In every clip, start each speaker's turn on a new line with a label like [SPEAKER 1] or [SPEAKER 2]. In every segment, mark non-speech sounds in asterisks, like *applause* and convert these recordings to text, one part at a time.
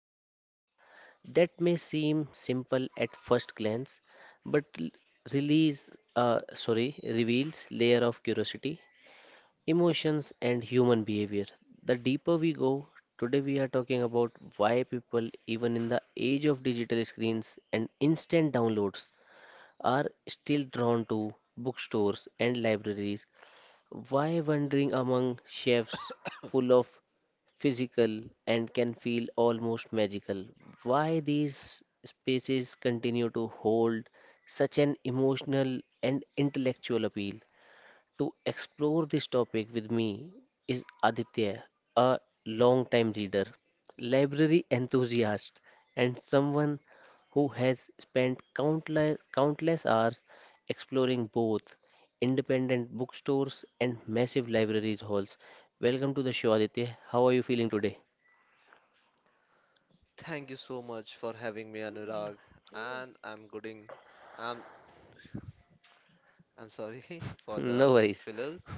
[SPEAKER 1] libraries. That may seem simple at first glance, but reveals layer of curiosity, emotions, and human behavior. The deeper we go, today we are talking about why people, even in the age of digital screens and instant downloads, are still drawn to bookstores and libraries. Why wandering among shelves full of physical and can feel almost magical? Why these spaces continue to hold such an emotional and intellectual appeal? To explore this topic with me is Aditya, a long-time reader, library enthusiast, and someone who has spent countless, countless hours exploring both independent bookstores and massive libraries halls. Welcome to the show, Aditya. How are you feeling today?
[SPEAKER 2] Thank you so much for having me, Anurag. And I'm gooding. I'm I'm sorry *laughs*
[SPEAKER 1] *laughs*
[SPEAKER 2] for
[SPEAKER 1] No
[SPEAKER 2] the
[SPEAKER 1] worries.
[SPEAKER 2] fillers.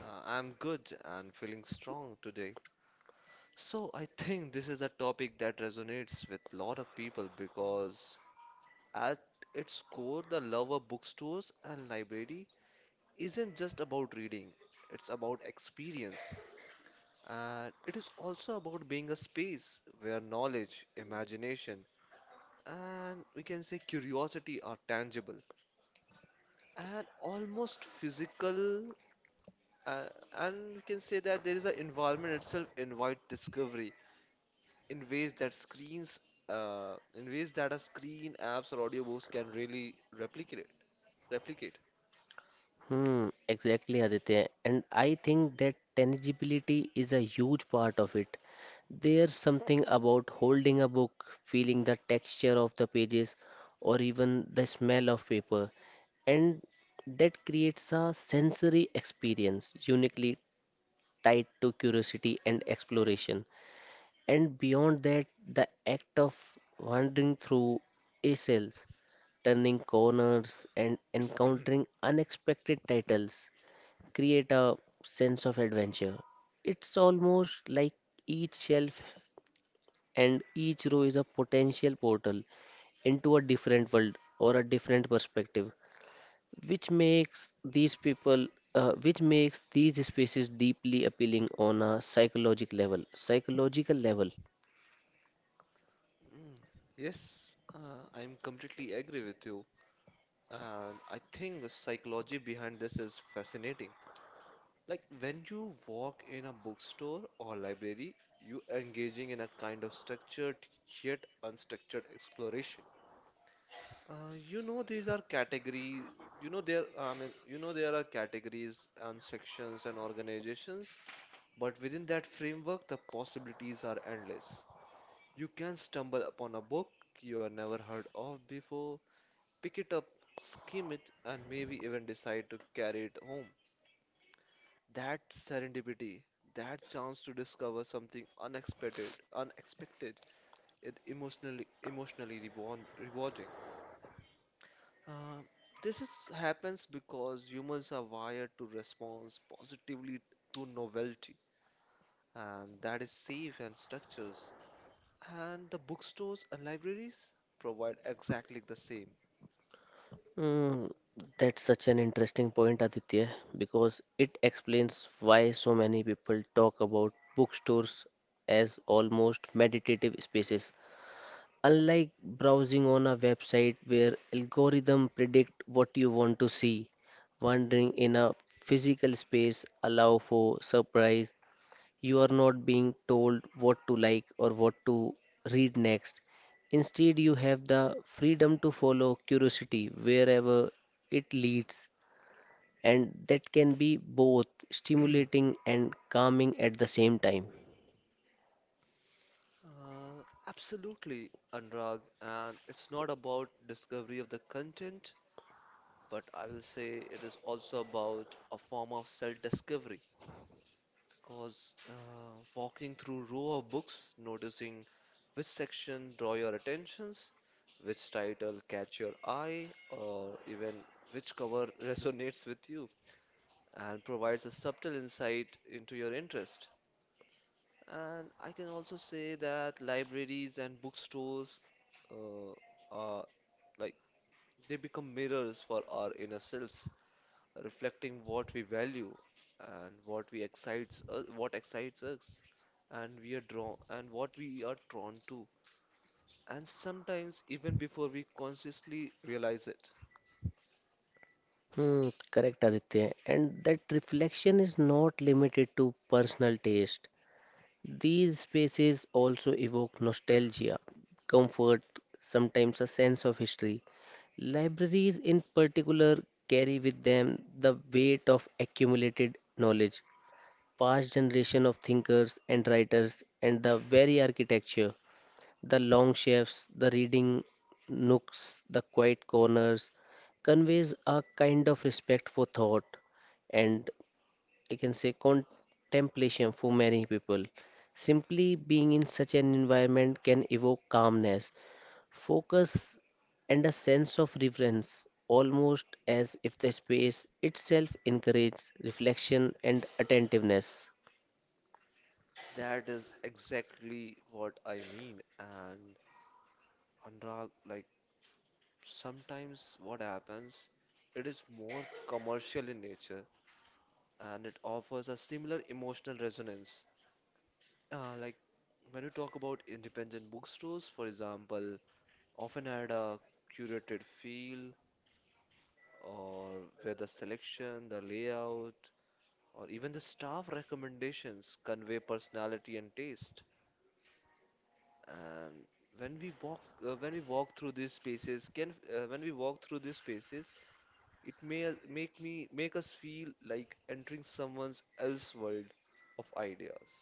[SPEAKER 2] I'm good and feeling strong today. So I think this is a topic that resonates with a lot of people because at its core, the love of bookstores and library isn't just about reading. It's about experience. And it is also about being a space where knowledge, imagination, and we can say curiosity are tangible and almost physical, uh, and we can say that there is an environment itself invite discovery in ways that screens, in ways that a screen apps or audiobooks can really replicate.
[SPEAKER 1] Hmm, exactly, Aditya. And I think that tangibility is a huge part of it. There's something about holding a book, feeling the texture of the pages, or even the smell of paper, and that creates a sensory experience uniquely tied to curiosity and exploration. And beyond that, the act of wandering through a cells turning corners and encountering unexpected titles create a sense of adventure. It's almost like each shelf and each row is a potential portal into a different world or a different perspective, which makes these people, which makes these spaces deeply appealing on a psychological level. Psychological level.
[SPEAKER 2] Mm, yes, I'm completely agree with you, and I think the psychology behind this is fascinating. Like when you walk in a bookstore or library, you engaging in a kind of structured yet unstructured exploration. You know these are categories. You know there. I mean, you know there are categories and sections and organizations, but within that framework, the possibilities are endless. You can stumble upon a book you have never heard of before, pick it up, skim it, and maybe even decide to carry it home. That serendipity, that chance to discover something unexpected, it emotionally rewarding. Uh, this happens because humans are wired to respond positively to novelty, and that is safe and structures. And the bookstores and libraries provide exactly the same.
[SPEAKER 1] Mm, that's such an interesting point, Aditya, because it explains why so many people talk about bookstores as almost meditative spaces. Unlike browsing on a website where algorithms predict what you want to see, wandering in a physical space allow for surprise. You are not being told what to like or what to read next. Instead, you have the freedom to follow curiosity wherever it leads, and that can be both stimulating and calming at the same time.
[SPEAKER 2] Uh, Absolutely, Anurag, and it's not about discovery of the content, but I will say it is also about a form of self-discovery. Because walking through row of books, noticing which section draw your attentions, which title catch your eye, or even which cover resonates with you and provides a subtle insight into your interest. And I can also say that libraries and bookstores, uh, are like they become mirrors for our inner selves, reflecting what we value and what excites us, and we are drawn and what we are drawn to, and sometimes even before we consciously realize it.
[SPEAKER 1] Hmm, correct, Aditya. And that reflection is not limited to personal taste. These spaces also evoke nostalgia, comfort, sometimes a sense of history. Libraries, in particular, carry with them the weight of accumulated knowledge, past generation of thinkers and writers, and the very architecture. The long shifts, the reading nooks, the quiet corners conveys a kind of respect for thought and I can say contemplation for many people. Simply being in such an environment can evoke calmness, focus, and a sense of reverence, almost as if the space itself encourages reflection and attentiveness.
[SPEAKER 2] That is exactly what I mean. And Anurag, like, sometimes what happens, it is more commercial in nature and it offers a similar emotional resonance. Like when you talk about independent bookstores, for example, often had a curated feel, or where the selection, the layout, or even the staff recommendations convey personality and taste. And when we walk, when we walk through these spaces, can when we walk through these spaces, it may make us feel like entering someone else's world of ideas.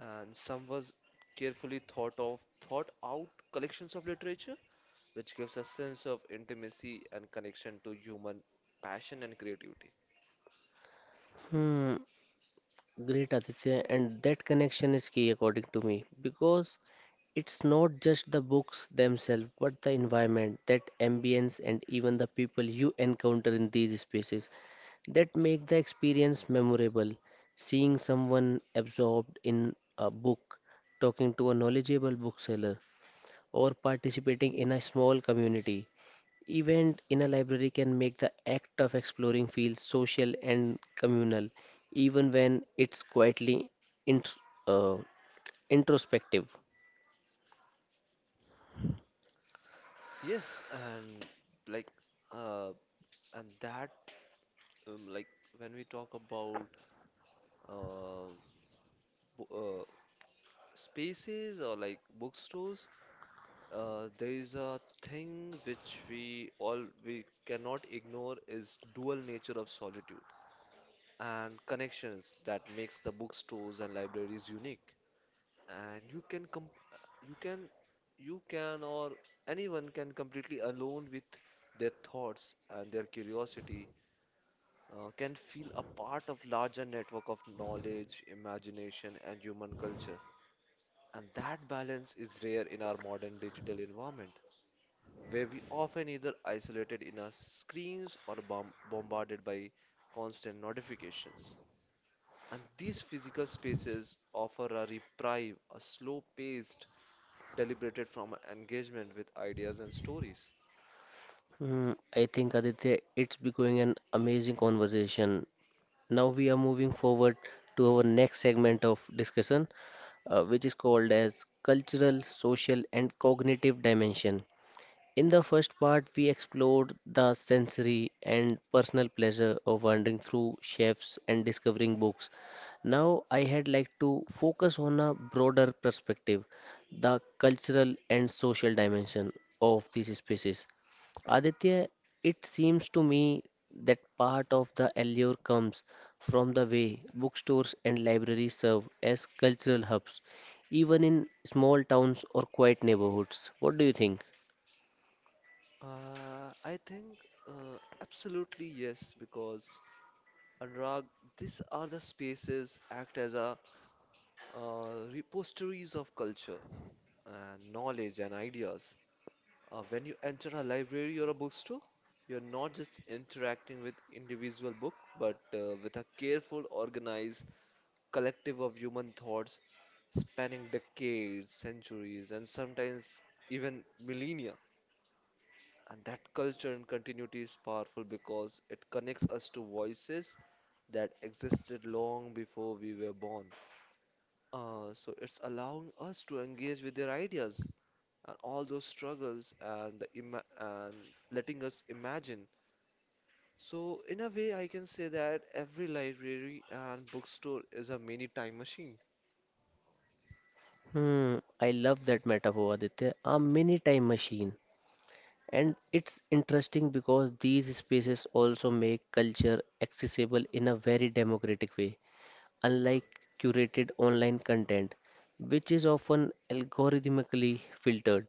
[SPEAKER 2] And someone's carefully thought out collections of literature, which gives a sense of intimacy and connection to human passion and creativity.
[SPEAKER 1] Hmm. Great Aditya, and that connection is key according to me because it's not just the books themselves but the environment, that ambience, and even the people you encounter in these spaces that make the experience memorable. Seeing someone absorbed in a book, talking to a knowledgeable bookseller, or participating in a small community event in a library can make the act of exploring feel social and communal, even when it's quietly int- uh, introspective.
[SPEAKER 2] Yes, and like uh, and that like when we talk about uh, bo spaces or like bookstores, there is a thing which we all we cannot ignore is dual nature of solitude and connections that makes the bookstores and libraries unique. And you can com you can you can or anyone can completely alone with their thoughts and their curiosity, can feel a part of larger network of knowledge, imagination, and human culture. And that balance is rare in our modern digital environment, where we often either isolated in our screens or bombarded by constant notifications. And these physical spaces offer a reprieve, a slow-paced deliberated from engagement with ideas and stories.
[SPEAKER 1] Hmm, I think Aditya, it's becoming an amazing conversation. Now we are moving forward to our next segment of discussion, which is called as cultural, social, and cognitive dimension. In the first part, we explored the sensory and personal pleasure of wandering through chefs and discovering books. Now, I had like to focus on a broader perspective, the cultural and social dimension of these spaces. Aditya, it seems to me that part of the allure comes from the way bookstores and libraries serve as cultural hubs, even in small towns or quiet neighborhoods. What do you think?
[SPEAKER 2] I think, absolutely yes, because Anurag, these are the spaces act as a, repositories of culture and knowledge and ideas. When you enter a library or a bookstore, you're not just interacting with individual book, but with a careful, organized collective of human thoughts spanning decades, centuries, and sometimes even millennia. And that culture and continuity is powerful because it connects us to voices that existed long before we were born. So it's allowing us to engage with their ideas and all those struggles and the ima and letting us imagine. So in a way, I can say that every library and bookstore is a mini time machine.
[SPEAKER 1] Hmm, I love that metaphor, Aditya. A mini time machine. And it's interesting because these spaces also make culture accessible in a very democratic way, unlike curated online content, which is often algorithmically filtered.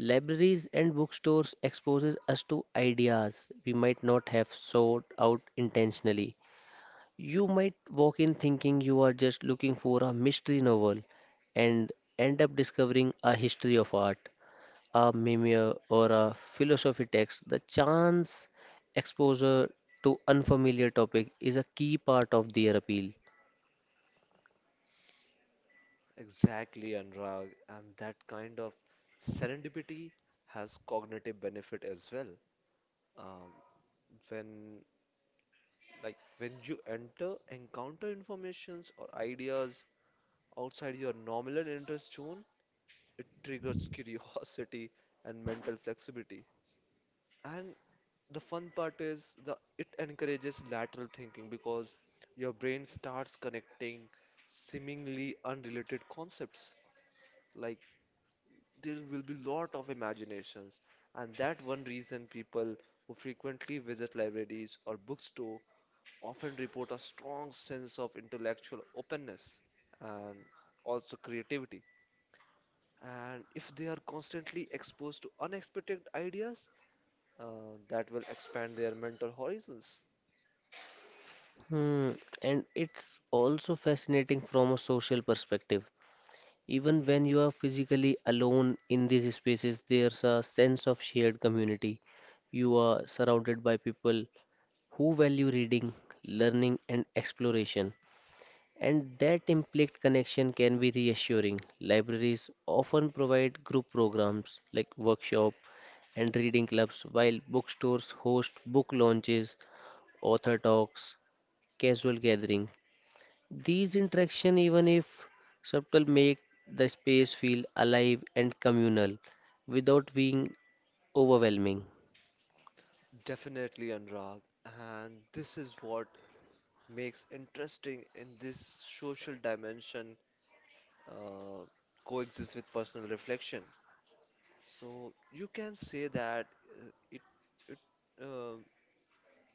[SPEAKER 1] Libraries and bookstores exposes us to ideas we might not have sought out intentionally, you might walk in thinking you are just looking for a mystery novel and end up discovering a history of art, a memoir, or a philosophy text. The chance exposure to unfamiliar topic is a key part of their appeal.
[SPEAKER 2] Exactly, Anurag, and that kind of serendipity has cognitive benefit as well. Um, when Like when encounter informations or ideas outside your nominal interest zone, it triggers *laughs* curiosity and mental flexibility. And the fun part is the it encourages lateral thinking because your brain starts connecting seemingly unrelated concepts. Like there will be lot of imaginations, and that one reason people who frequently visit libraries or bookstore often report a strong sense of intellectual openness and also creativity. And if they are constantly exposed to unexpected ideas, that will expand their mental horizons.
[SPEAKER 1] Hmm. And it's also fascinating from a social perspective. Even
[SPEAKER 2] Hmm
[SPEAKER 1] when you are physically alone in these spaces, there's a sense of shared community. You are surrounded by people who value reading, learning, and exploration. And that implicit connection can be reassuring. Libraries often provide group programs like workshop and reading clubs, while bookstores host book launches, author talks, casual gatherings. These interactions, even if subtle, make the space feel alive and communal without being overwhelming.
[SPEAKER 2] Definitely, Anurag. And this is what makes interesting in this social dimension uh, coexist with personal reflection. So you can say that, uh, it it uh,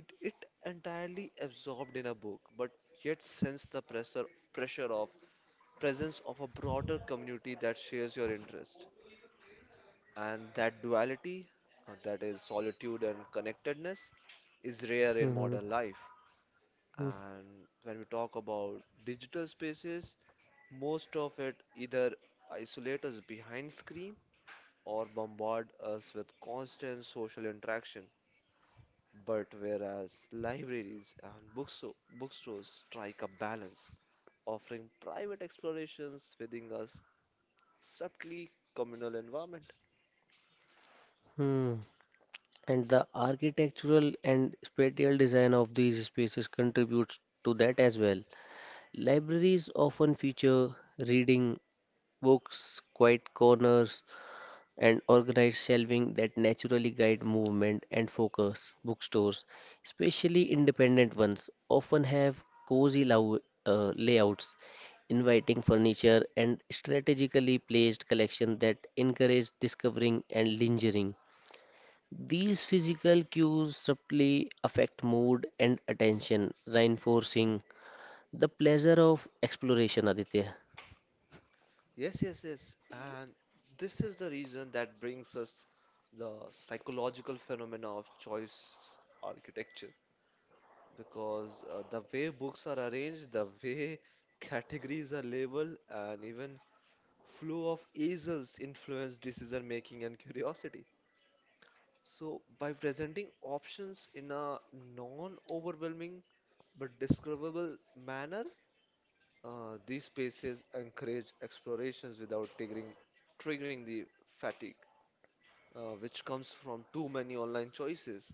[SPEAKER 2] It entirely absorbed in a book, but yet sense the pressure pressure of presence of a broader community that shares your interest. And that duality, that is solitude and connectedness, is rare in
[SPEAKER 1] Mhm,
[SPEAKER 2] modern life. And when we talk about digital spaces, most of it either isolate us behind screen or bombard us with constant social interaction. But whereas libraries and bookstores strike a balance, offering private explorations within a subtly communal environment.
[SPEAKER 1] mhm. And the architectural and spatial design of these spaces contributes to that as well. Libraries often feature reading books, quiet corners, and organized shelving that naturally guide movement and focus. Bookstores, especially independent ones, often have cozy lou- layouts, inviting furniture, and strategically placed collections that encourage discovering and lingering. These physical cues subtly affect mood and attention, reinforcing the pleasure of exploration, Aditya.
[SPEAKER 2] Yes, yes, yes. And this is the reason that brings us the psychological phenomena of choice architecture. Because the way books are arranged, the way *laughs* categories are labeled, and even flow of easels influence decision making and curiosity. So, by presenting options in a non-overwhelming but discoverable manner, these spaces encourage explorations without triggering the fatigue, which comes from too many online choices.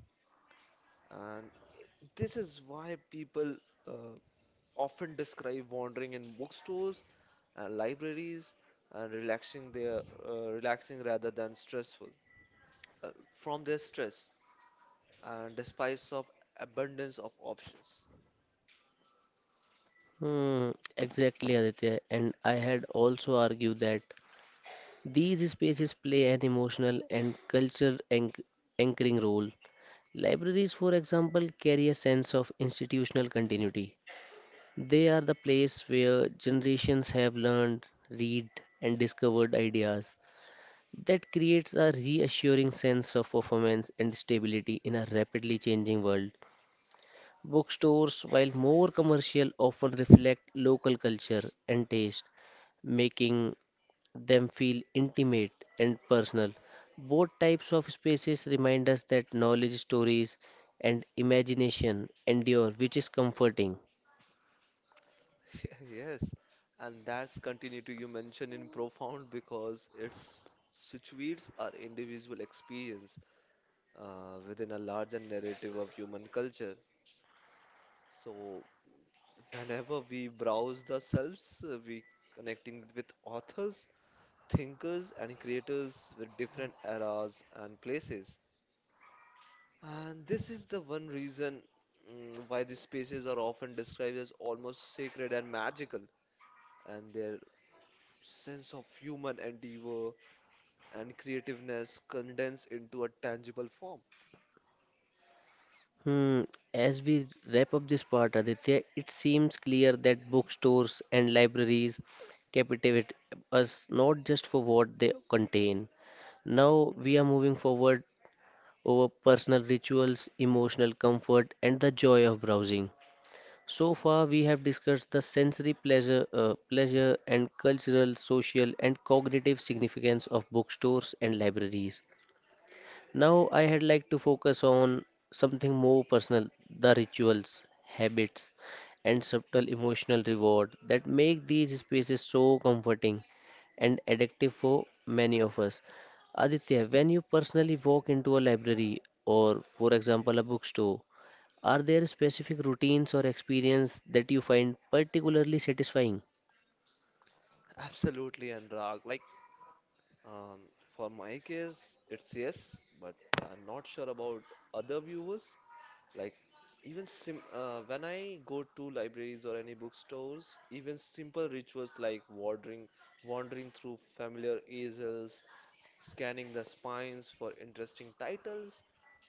[SPEAKER 2] And i- this is why people uh, often describe wandering in bookstores and libraries and relaxing their, relaxing rather than stressful, uh, from their stress and despise of abundance of options.
[SPEAKER 1] Hmm, exactly, Aditya. And I had also argued that these spaces play an emotional and cultural anchoring role. Libraries, for example, carry a sense of institutional continuity. They are the place where generations have learned, read, and discovered ideas. That creates a reassuring sense of performance and stability in a rapidly changing world. Bookstores, while more commercial, often reflect local culture and taste, making them feel intimate and personal. Both types of spaces remind us that knowledge, stories, and imagination endure, which is comforting.
[SPEAKER 2] *laughs* Yes, and that's continuity you mention in profound because it situates our individual experience within a larger narrative of human culture. So whenever we browse the selves, we connecting with authors, thinkers, and creators with different eras and places. And this is the one reason, why these spaces are often described as almost sacred and magical, and their sense of human endeavor and creativeness condensed into a tangible form.
[SPEAKER 1] Hmm. As we wrap up this part, Aditya, it seems clear that bookstores and libraries captivate us not just for what they contain. Now we
[SPEAKER 2] Hmm
[SPEAKER 1] are moving forward over personal rituals, emotional comfort, and the joy of browsing. So far, we have discussed the sensory pleasure and cultural, social, and cognitive significance of bookstores and libraries. Now, I had like to focus on something more personal, the rituals, habits, and subtle emotional reward that make these spaces so comforting and addictive for many of us. Aditya, when you personally walk into a library or, for example, a bookstore, are there specific routines or experience that you find particularly satisfying?
[SPEAKER 2] Absolutely, and Anurag. Um, for my case, it's yes, but I'm not sure about other viewers. Like, even sim when I go to libraries or any bookstores, even simple rituals like wandering through familiar easels, scanning the spines for interesting titles,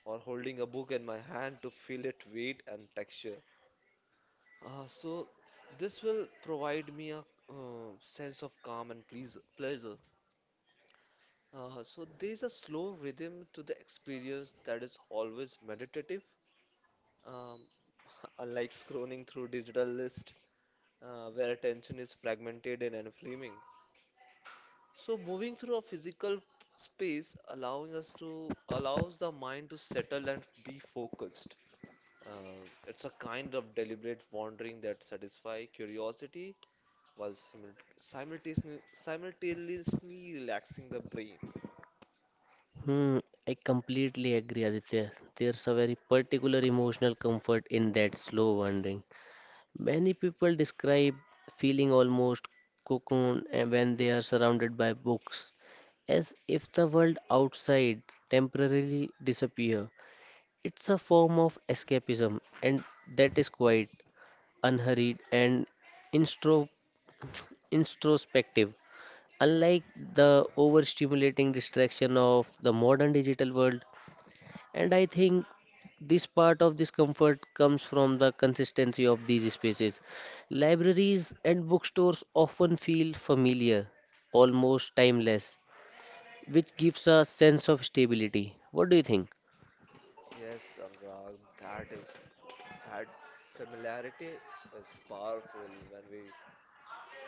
[SPEAKER 2] or holding a book in my hand to feel its weight and texture. So this will provide me a, sense of calm and pleasure. So there's a slow rhythm to the experience that is always meditative. Um, *laughs* Unlike scrolling through digital list where attention is fragmented and inflaming. So moving through a physical space allowing us to allows the mind to settle and be focused. It's a kind of deliberate wandering that satisfy curiosity while simultaneously relaxing the brain.
[SPEAKER 1] Hmm, I completely agree, Aditya. There's a very particular emotional comfort in that slow wandering. Many people describe feeling almost cocoon eh, when they are surrounded by books, as if the world outside temporarily disappear. It's a form of escapism, and that is quite unhurried and instro *sniffs* introspective, unlike the overstimulating distraction of the modern digital world. And I think this part of this comfort comes from the consistency of these spaces. Libraries and bookstores often feel familiar, almost timeless, which gives a sense of stability. What do you think?
[SPEAKER 2] Yes, Anurag, that is that familiarity is powerful when we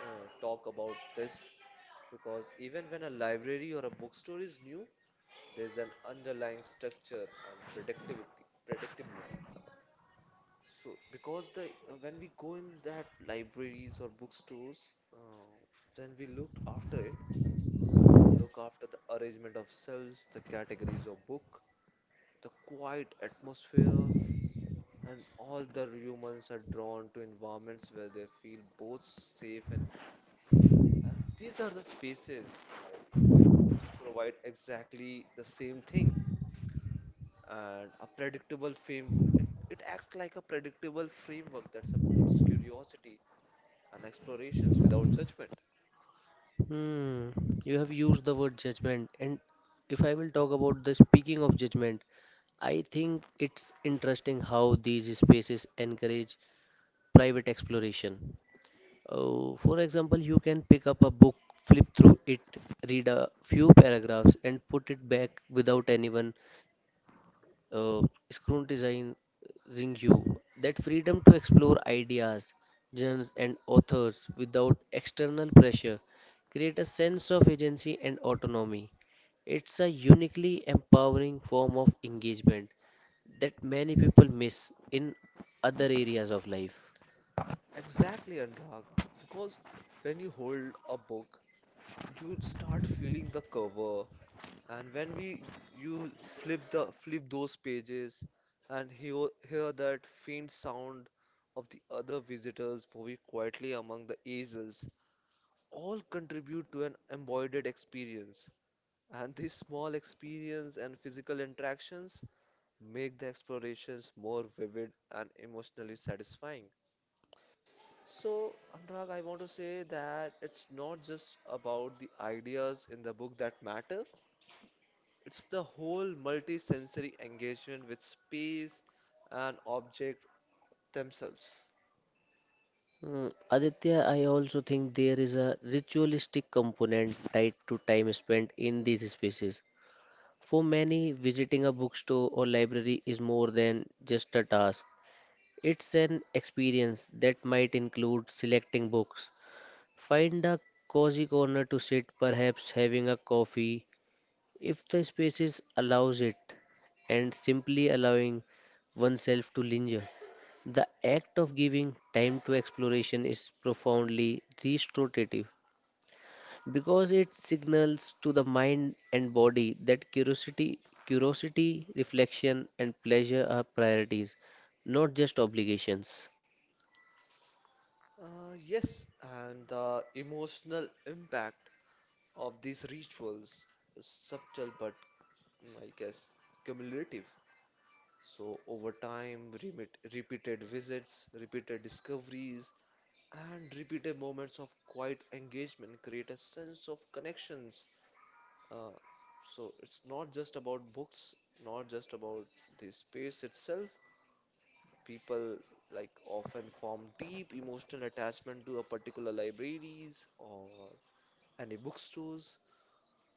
[SPEAKER 2] talk about this, because even when a library or a bookstore is new, there's an underlying structure and predictability. So because the, when we go in that libraries or bookstores, then we look after it, look after the arrangement of shelves, the categories of book, the quiet atmosphere, and all the humans are drawn to environments where they feel both safe and. And these are the spaces like, like which provide exactly the same thing. And a predictable frame, it acts like a predictable framework that supports curiosity and explorations without judgment.
[SPEAKER 1] Hmm, you have used the word judgment, and if I will talk about the speaking of judgment, I think it's interesting how these spaces encourage private exploration. Oh, for example, you can pick up a book, flip through it, read a few paragraphs, and put it back without anyone uh, scrutinizing you. That freedom to explore ideas, genres, and authors without external pressure create a sense of agency and autonomy. It's a uniquely empowering form of engagement that many people miss in other areas of life.
[SPEAKER 2] Exactly, Anurag. Because when you hold a book, you start feeling the cover, and when we you flip those pages and hear that faint sound of the other visitors moving quietly among the easels, all contribute to an embodied experience. And these small experience and physical interactions make the explorations more vivid and emotionally satisfying. So, Anurag, I want to say that it's not just about the ideas in the book that matter, it's the whole multi-sensory engagement with space and object themselves.
[SPEAKER 1] Mm, Aditya, I also think there is a ritualistic component tied to time spent in these spaces. For many, visiting a bookstore or library is more than just a task. It's an experience that might include selecting books. Find a cozy corner to sit, perhaps having a coffee if the spaces allows it, and simply allowing oneself to linger, the act of giving time to exploration is profoundly restorative because it signals to the mind and body that curiosity, reflection, and pleasure are priorities, not just obligations.
[SPEAKER 2] Yes, and the emotional impact of these rituals is subtle but, I guess, cumulative. So over time, repeated visits, repeated discoveries, and repeated moments of quiet engagement create a sense of connections. Uh, so it's not just about books, not just about the space itself. People like often form deep emotional attachment to a particular libraries or any bookstores.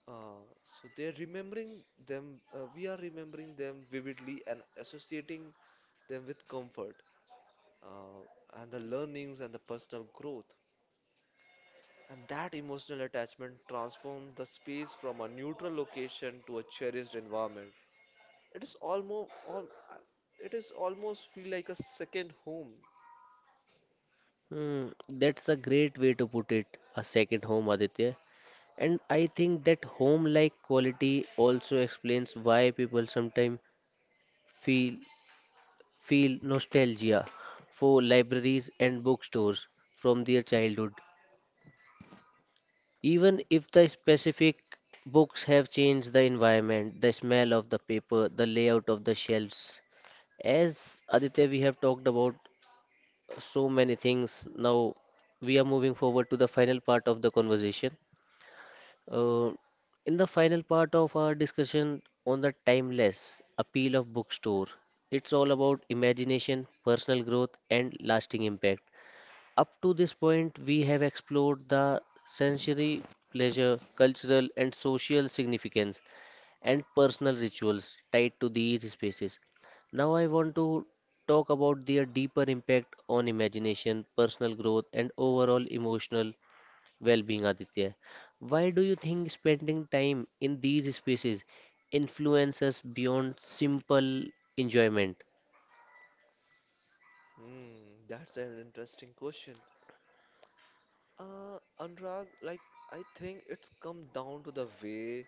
[SPEAKER 2] Uh, so they're remembering we are remembering them vividly and associating them with comfort, uh, and the learnings and the personal growth. And that emotional attachment transforms the space from a neutral location to a cherished environment. It is almost, all, it is almost feel like a second home.
[SPEAKER 1] Hmm, that's a great way to put it, a second home, Aditya. And I think that home like quality also explains why people sometimes feel feel nostalgia for libraries and bookstores from their childhood. Even if the specific books have changed the environment, the smell of the paper, the layout of the shelves. As Aditya, we have talked about so many things. Now we are moving forward to the final part of the conversation. Uh, in the final part of our discussion on the timeless appeal of bookstore, it's all about imagination, personal growth, and lasting impact. Up to this point, we have explored the sensory pleasure, cultural and social significance, and personal rituals tied to these spaces. Now, I want to talk about their deeper impact on imagination, personal growth, and overall emotional well-being, Aditya. Why do you think spending time in these spaces influences beyond simple enjoyment?
[SPEAKER 2] Hmm, that's an interesting question. Anurag, like, I think it's come down to the way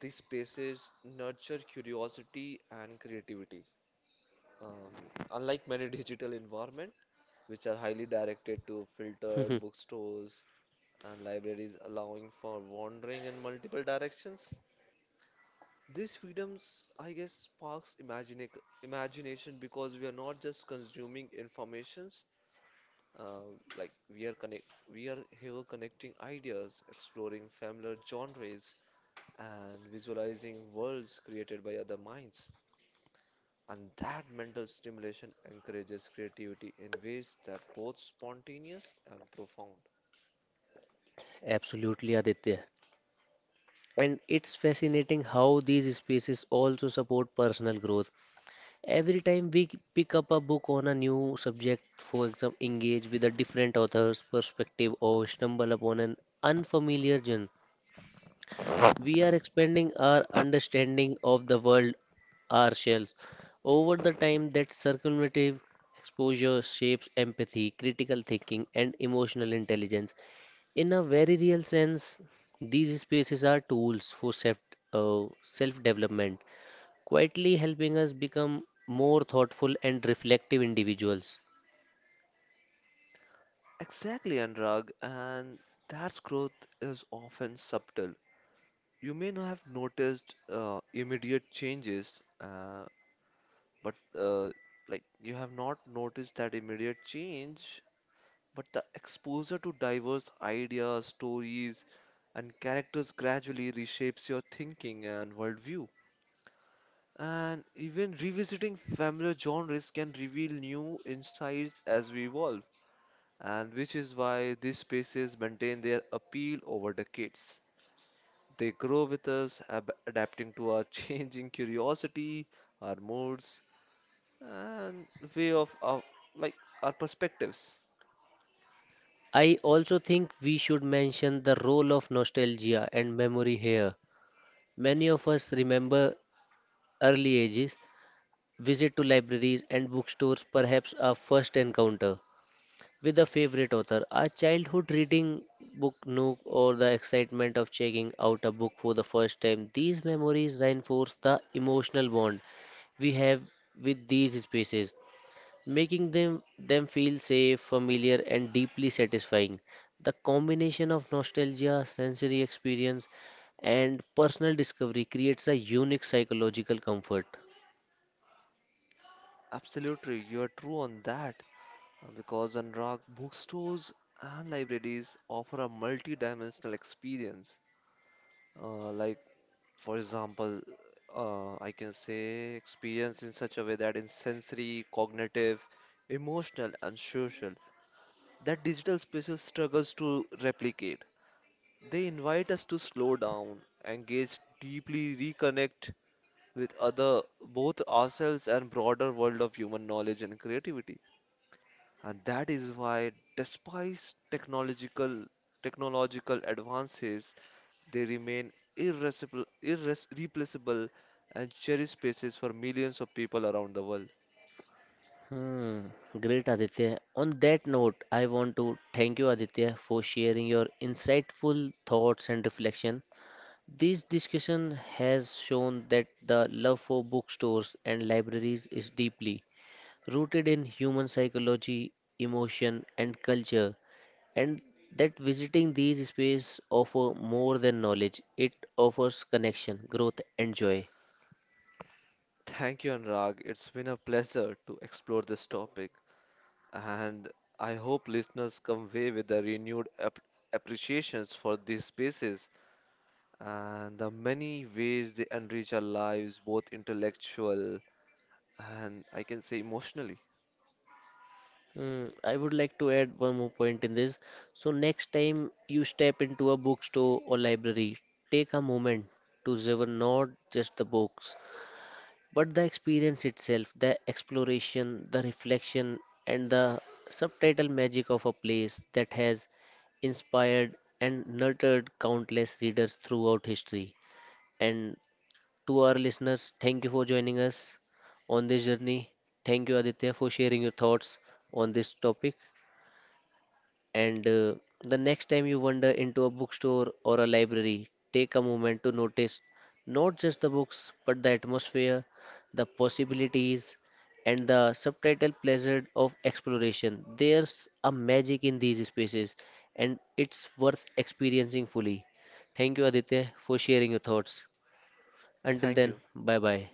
[SPEAKER 2] these spaces nurture curiosity and creativity. Um, Unlike many *laughs* digital environments, which are highly directed to filtered
[SPEAKER 1] *laughs*
[SPEAKER 2] bookstores and libraries allowing for wandering in multiple directions, these freedoms, I guess, sparks imagine imagination because we are not just consuming informations, uh, like we are connect we are here connecting ideas, exploring familiar genres, and visualizing worlds created by other minds. And that mental stimulation encourages creativity in ways that both spontaneous and profound.
[SPEAKER 1] Absolutely, Aditya. And it's fascinating how these spaces also support personal growth. Every time we pick up a book on a new subject, for example, engage with a different author's perspective or stumble upon an unfamiliar genre, we are expanding our understanding of the world ourselves. Over the time, that circumventive exposure shapes empathy, critical thinking, and emotional intelligence. In a very real sense, these spaces are tools for self-development, quietly helping us become more thoughtful and reflective individuals.
[SPEAKER 2] Exactly, Anurag, and that's growth is often subtle. You may not have noticed, immediate changes, but like you have not noticed that immediate change, but the exposure to diverse ideas, stories, and characters gradually reshapes your thinking and worldview. And even revisiting familiar genres can reveal new insights as we evolve, and which is why these spaces maintain their appeal over decades. They grow with us, adapting to our *laughs* changing curiosity, our moods, and way of our, like our perspectives.
[SPEAKER 1] I also think we should mention the role of nostalgia and memory here. Many of us remember early ages visit to libraries and bookstores, perhaps a first encounter with a favorite author, a childhood reading book nook, or the excitement of checking out a book for the first time. These memories reinforce the emotional bond we have with these spaces, making them feel safe, familiar, and deeply satisfying. The combination of nostalgia, sensory experience, and personal discovery creates a unique psychological comfort.
[SPEAKER 2] Absolutely, you are true on that, because Anurag bookstores and libraries offer a multi-dimensional experience. Uh, like For example, I can say experience in such a way that in sensory, cognitive, emotional, and social, that digital spaces struggles to replicate. They invite us to slow down, engage deeply, reconnect with other, both ourselves and broader world of human knowledge and creativity. And that is why, despite technological advances, they remain irreplaceable and cherished spaces for millions of people around the world.
[SPEAKER 1] Hmm, great Aditya. On that note, I want to thank you, Aditya, for sharing your insightful thoughts and reflection. This discussion has shown that the love for bookstores and libraries is deeply rooted in human psychology, emotion, and culture, and that visiting these spaces offer more than knowledge. It offers connection, growth, and joy.
[SPEAKER 2] Thank you, Anurag. It's been a pleasure to explore this topic, and I hope listeners come away with a renewed appreciations for these spaces and the many ways they enrich our lives, both intellectual and I can say emotionally.
[SPEAKER 1] Mm, I would like to add one more point in this. So, next time you step into a bookstore or library, take a moment to savor not just the books, but the experience itself, the exploration, the reflection, and the subtitle magic of a place that has inspired and nurtured countless readers throughout history. And to our listeners, thank you for joining us on this journey. Thank you, Aditya, for sharing your thoughts on this topic. And the next time you wander into a bookstore or a library, take a moment to notice not just the books, but the atmosphere, the possibilities, and the subtitle pleasure of exploration. There's a magic in these spaces, and it's worth experiencing fully. Thank you, Aditya, for sharing your thoughts. Until
[SPEAKER 2] Thank
[SPEAKER 1] then,
[SPEAKER 2] you.
[SPEAKER 1] bye bye.